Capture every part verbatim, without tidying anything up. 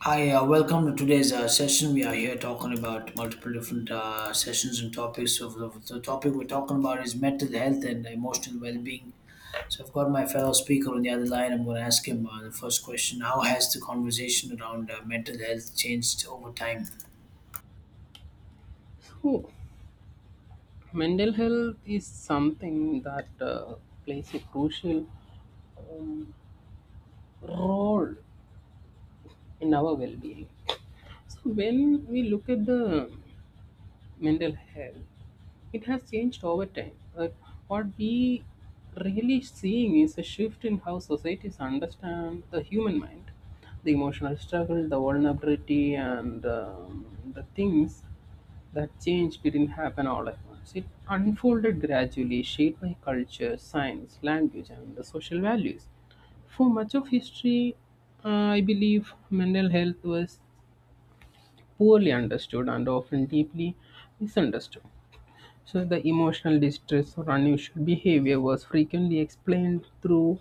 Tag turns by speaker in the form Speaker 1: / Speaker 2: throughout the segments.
Speaker 1: Hi, uh, welcome to today's uh, session. We are here talking about multiple different uh, sessions and topics. So, the, the topic we're talking about is mental health and emotional well being. So, I've got my fellow speaker on the other line. I'm going to ask him uh, the first question. How has the conversation around uh, mental health changed over time?
Speaker 2: So, mental health is something that uh, plays a crucial um, role in our well being. So, when we look at the mental health it has changed over time. Like, what we really seeing is a shift in how societies understand the human mind, the emotional struggle, the vulnerability, and um, the things that change didn't happen all at once. It unfolded gradually, shaped by culture, science, language, and the social values. For much of history, uh, I believe mental health was poorly understood and often deeply misunderstood. So the emotional distress or unusual behavior was frequently explained through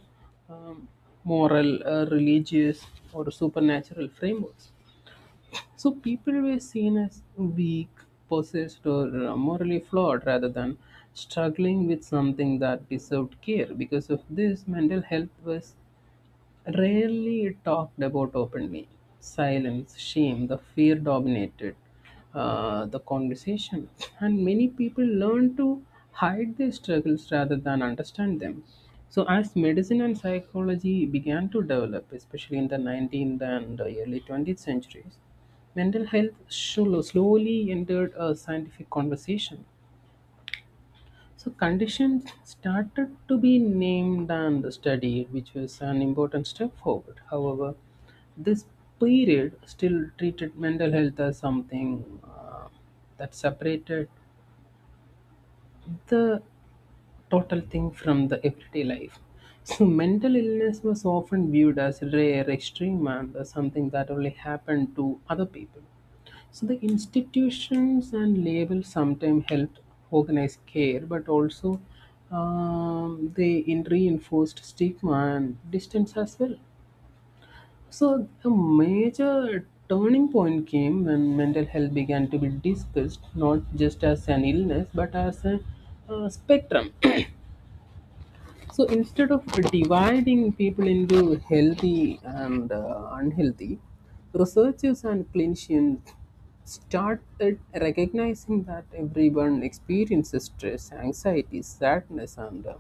Speaker 2: um, moral, uh, religious, or supernatural frameworks. So people were seen as weak, possessed, or uh, morally flawed rather than struggling with something that deserved care. Because of this, mental health was rarely talked about openly. Silence, shame, the fear dominated uh, the conversation, and many people learned to hide their struggles rather than understand them. So, as medicine and psychology began to develop, especially in the nineteenth and early twentieth centuries, mental health slo- slowly entered a scientific conversation. So conditions started to be named and studied, which was an important step forward. However, this period still treated mental health as something uh, that separated the total thing from the everyday life. So mental illness was often viewed as rare, extreme, and as something that only happened to other people. So the institutions and labels sometimes helped organize care, but also um, they in reinforced stigma and distance as well. So a major turning point came when mental health began to be discussed not just as an illness but as a, uh spectrum. So instead of dividing people into healthy and uh, unhealthy, researchers and clinicians started recognizing that everyone experiences stress, anxiety, sadness, and uh,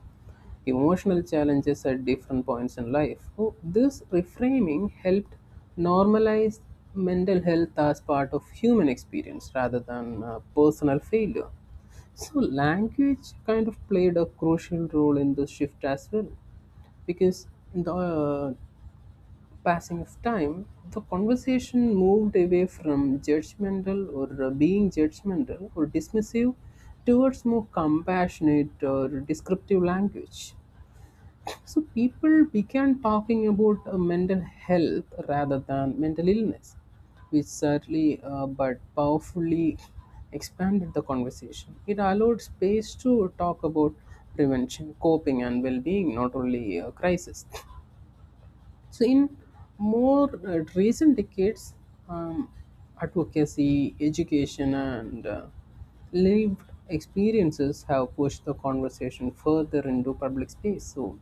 Speaker 2: emotional challenges at different points in life. So this reframing helped normalize mental health as part of human experience rather than uh, personal failure. So language kind of played a crucial role in the shift as well, because in the uh, passing of time, the conversation moved away from judgmental or uh, being judgmental or dismissive towards more compassionate or descriptive language. So people began talking about uh, mental health rather than mental illness, which certainly uh, but powerfully expanded the conversation. It allowed space to talk about prevention, coping, and well-being, not only uh, crisis. So, in more uh, recent decades, um, advocacy, education, and uh, lived experiences have pushed the conversation further into public space. So,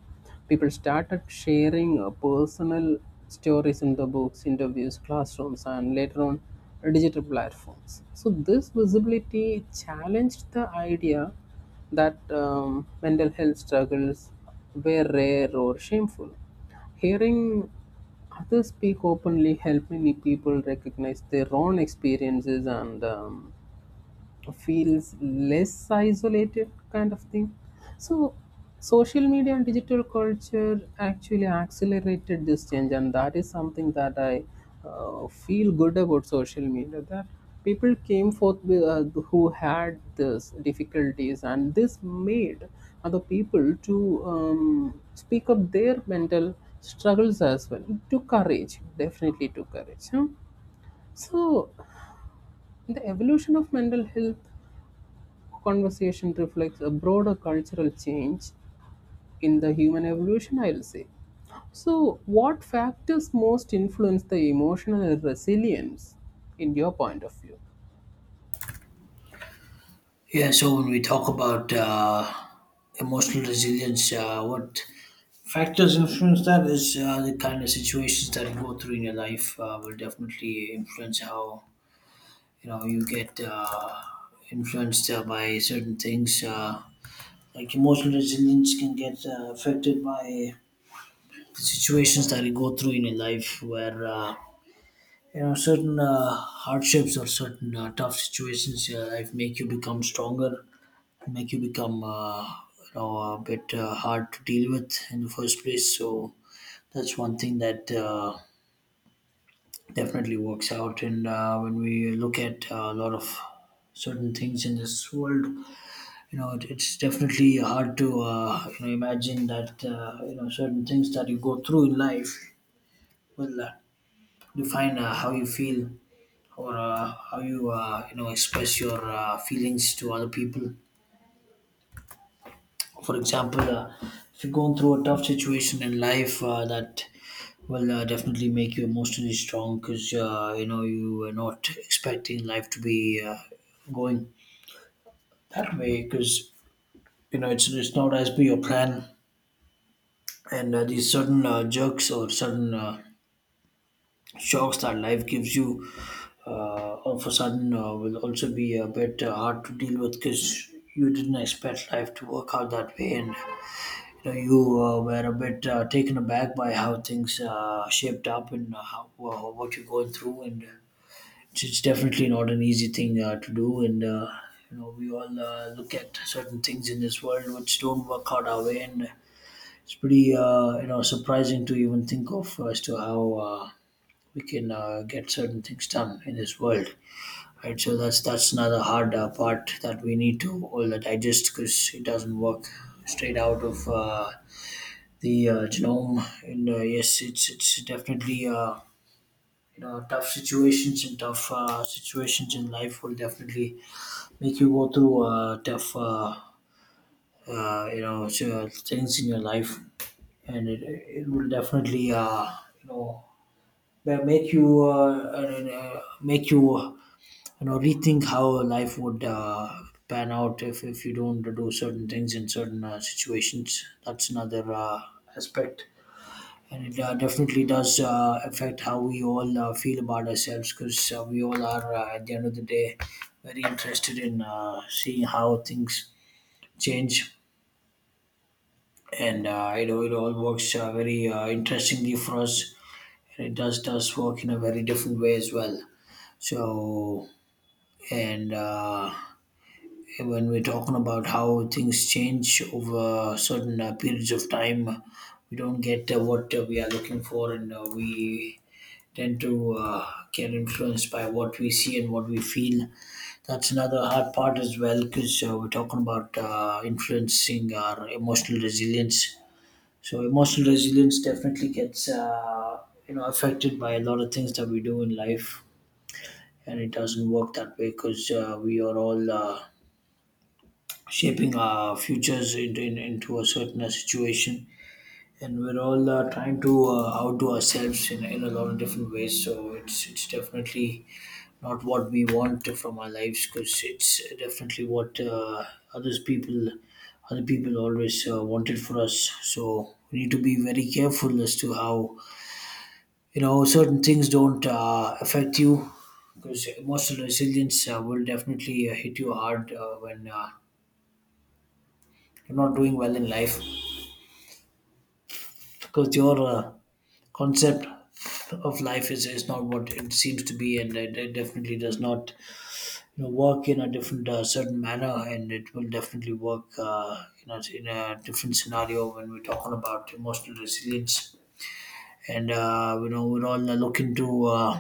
Speaker 2: people started sharing uh, personal stories in the books, interviews, classrooms, and later on uh, digital platforms. So, this visibility challenged the idea that um, mental health struggles were rare or shameful. Hearing others speak openly helped many people recognize their own experiences and um, feels less isolated kind of thing. So social media and digital culture actually accelerated this change, and that is something that I uh, feel good about social media, that people came forth with, uh, who had this difficulties, and this made other people to um, speak up their mental struggles as well. It took courage, definitely took courage, huh? So the evolution of mental health conversation reflects a broader cultural change in the human evolution, I'll say. So, what factors most influence the emotional resilience in your point of view?
Speaker 1: Yeah, so when we talk about uh, emotional resilience, uh, what factors influence that is, uh, the kind of situations that you go through in your life uh, will definitely influence how, you know, you get uh, influenced uh, by certain things, uh, like emotional resilience can get uh, affected by the situations that you go through in your life where, uh, you know, certain uh, hardships or certain uh, tough situations in your life make you become stronger, make you become, uh, you know, a bit uh, hard to deal with in the first place. So that's one thing that uh, definitely works out. And uh, when we look at uh, a lot of certain things in this world, you know, it, it's definitely hard to, uh, you know, imagine that, uh, you know, certain things that you go through in life will, uh, define uh, how you feel or uh, how you, uh, you know, express your uh, feelings to other people. For example, uh, if you're going through a tough situation in life, uh, that will uh, definitely make you emotionally strong, because, uh, you know, you were not expecting life to be, uh, going that way, because, you know, it's, it's not as per your plan. And uh, these sudden uh, jerks or sudden uh, shocks that life gives you uh, all of a sudden uh, will also be a bit uh, hard to deal with, because you didn't expect life to work out that way. And you know, you uh, were a bit uh, taken aback by how things uh, shaped up, and uh, how, wha- what you're going through. And it's, it's definitely not an easy thing uh, to do. And uh, you know, we all uh, look at certain things in this world which don't work out our way, and it's pretty, uh, you know, surprising to even think of as to how uh, we can uh, get certain things done in this world. Right, so that's that's another hard uh, part that we need to all digest, because it doesn't work straight out of. Uh, the uh, genome. And uh, yes, it's it's definitely, uh, you know, tough situations, and tough uh, situations in life will definitely make you go through uh, tough uh, uh, you know, s- uh, things in your life. And it it will definitely uh, you know, ma- make you uh, and, uh, make you, you know, rethink how life would. Uh, pan out if, if you don't do certain things in certain uh, situations. That's another uh, aspect, and it uh, definitely does uh, affect how we all uh, feel about ourselves, because uh, we all are, uh, at the end of the day, very interested in uh, seeing how things change. And uh, it, all- it all works uh, very uh, interestingly for us, and it does does work in a very different way as well. So, and uh, when we're talking about how things change over certain uh, periods of time, we don't get uh, what uh, we are looking for, and uh, we tend to uh, get influenced by what we see and what we feel. That's another hard part as well, because uh, we're talking about uh, influencing our emotional resilience. So emotional resilience definitely gets, uh, you know, affected by a lot of things that we do in life, and it doesn't work that way, because uh, we are all uh, shaping our futures in, in, into a certain uh, situation. And we're all uh, trying to uh, outdo ourselves, in, in a lot of different ways. So it's it's definitely not what we want from our lives, because it's definitely what, uh, others people other people always uh, wanted for us. So we need to be very careful as to how, you know, certain things don't uh, affect you, because emotional resilience uh, will definitely uh, hit you hard uh, when uh, you're not doing well in life, because your uh, concept of life is, is not what it seems to be. And it, it definitely does not, you know, work in a different uh, certain manner, and it will definitely work, uh, you know, in a different scenario when we're talking about emotional resilience. And uh, you know, we're all uh, looking to, uh,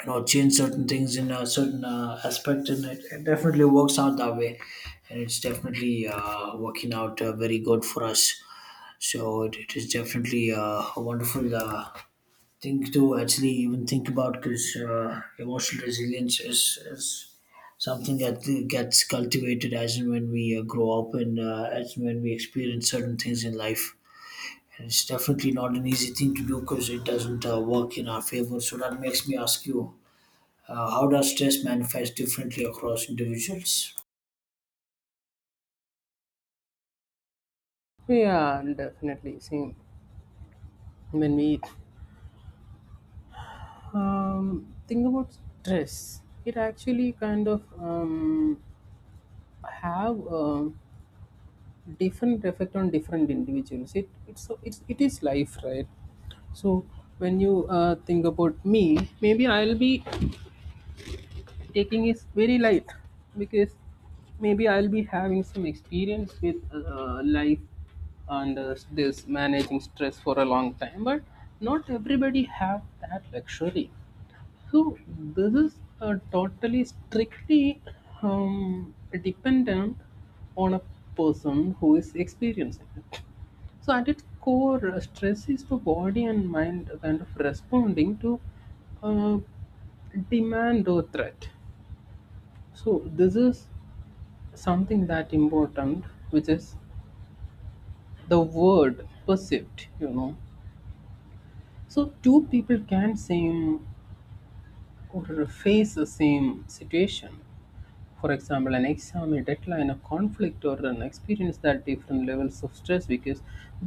Speaker 1: you know, change certain things in a certain uh, aspect. And it, it definitely works out that way, and it's definitely uh, working out uh, very good for us. So it, it is definitely uh, a wonderful uh, think to actually even think about, because uh, emotional resilience is, is something that gets cultivated as and when we uh, grow up, and uh, as and when we experience certain things in life. And it's definitely not an easy thing to do, because it doesn't uh, work in our favor. So that makes me ask you, uh, how does stress manifest differently across individuals?
Speaker 2: Yeah, and definitely. See, when we um, think about stress, it actually kind of um, have a different effect on different individuals. It it's so it's it is life, right? So when you uh, think about me, maybe I'll be taking is very light because maybe I'll be having some experience with uh, life and uh, this managing stress for a long time, but not everybody have that luxury. So this is uh, totally strictly um, dependent on a person who is experiencing it. So at its core, uh, stress is the body and mind kind of responding to uh, demand or threat. So this is something that important, which is the word perceived, you know. So two people can same or face the same situation. For example, an exam, a deadline, a conflict, or an experience that different levels of stress because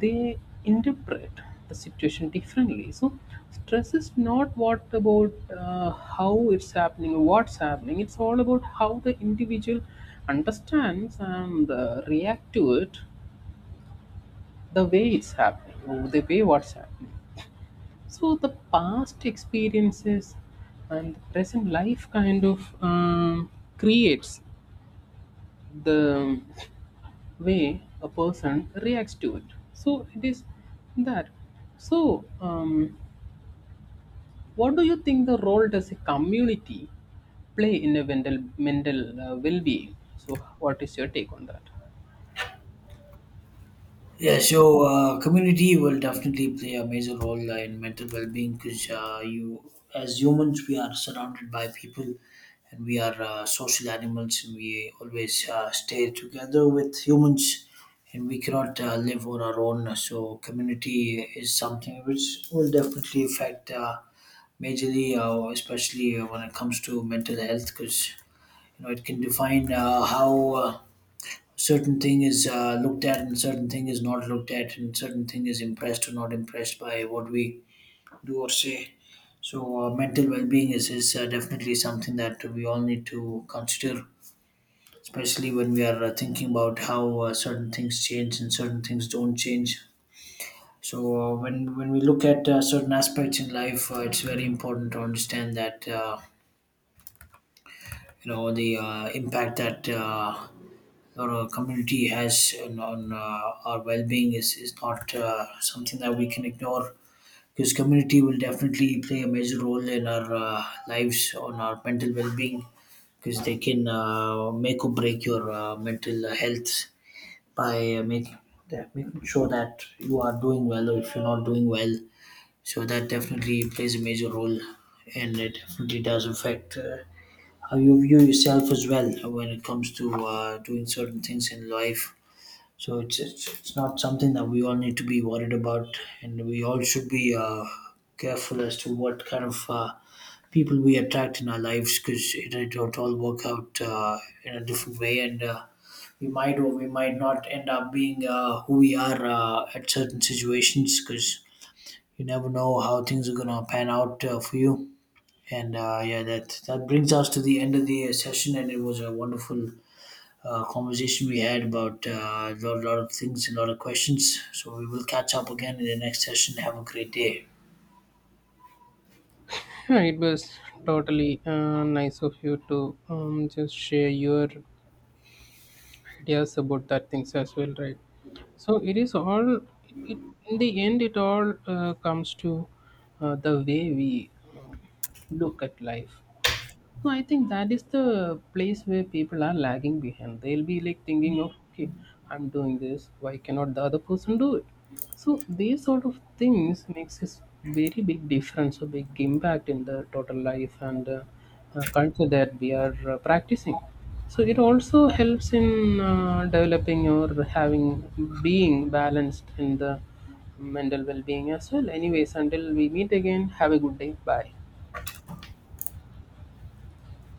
Speaker 2: they interpret the situation differently. So, stress is not what about uh, how it's happening or what's happening, it's all about how the individual understands and uh, react to it the way it's happening or the way what's happening. So, the past experiences and the present life kind of um, creates the way a person reacts to it. So it is that. So, um, what do you think the role does a community play in a mental mental uh, well-being? So, what is your take on that?
Speaker 1: Yeah, so uh, community will definitely play a major role uh, in mental well-being, because uh, you, as humans, we are surrounded by people, and we are uh, social animals, and we always uh, stay together with humans, and we cannot uh, live on our own. So, community is something which will definitely affect uh, majorly, uh, especially when it comes to mental health, because, you know, it can define uh, how. Uh, certain thing is uh, looked at, and certain thing is not looked at, and certain thing is impressed or not impressed by what we do or say. So uh, mental well-being is, is uh, definitely something that we all need to consider, especially when we are uh, thinking about how uh, certain things change and certain things don't change. So uh, when when we look at uh, certain aspects in life, uh, it's very important to understand that, uh, you know, the uh, impact that uh, or a community has on, on uh, our well-being is, is not uh, something that we can ignore, because community will definitely play a major role in our uh, lives on our mental well-being, because they can uh, make or break your uh, mental health by uh, making that- making sure that you are doing well, or if you're not doing well. So that definitely plays a major role, and it definitely does affect, uh, how you view yourself as well when it comes to uh, doing certain things in life. So it's, it's it's not something that we all need to be worried about, and we all should be uh, careful as to what kind of uh, people we attract in our lives, because it it don't all work out uh, in a different way. And uh, we might or we might not end up being uh, who we are uh, at certain situations, because you never know how things are gonna pan out uh, for you. And uh, yeah, that that brings us to the end of the session, and it was a wonderful uh, conversation we had about uh, a lot lot of things and a lot of questions. So we will catch up again in the next session. Have a great day.
Speaker 2: Yeah, it was totally uh, nice of you to um, just share your ideas about that things as well, right? So it is all. It, in the end, it all uh, comes to uh, the way we look at life. So I think that is the place where people are lagging behind. They'll be like thinking of, okay, I'm doing this. Why cannot the other person do it? So these sort of things makes this very big difference, a big impact in the total life and uh, uh, culture that we are uh, practicing. So it also helps in uh, developing or having being balanced in the mental well-being as well. Anyways, until we meet again, have a good day. Bye.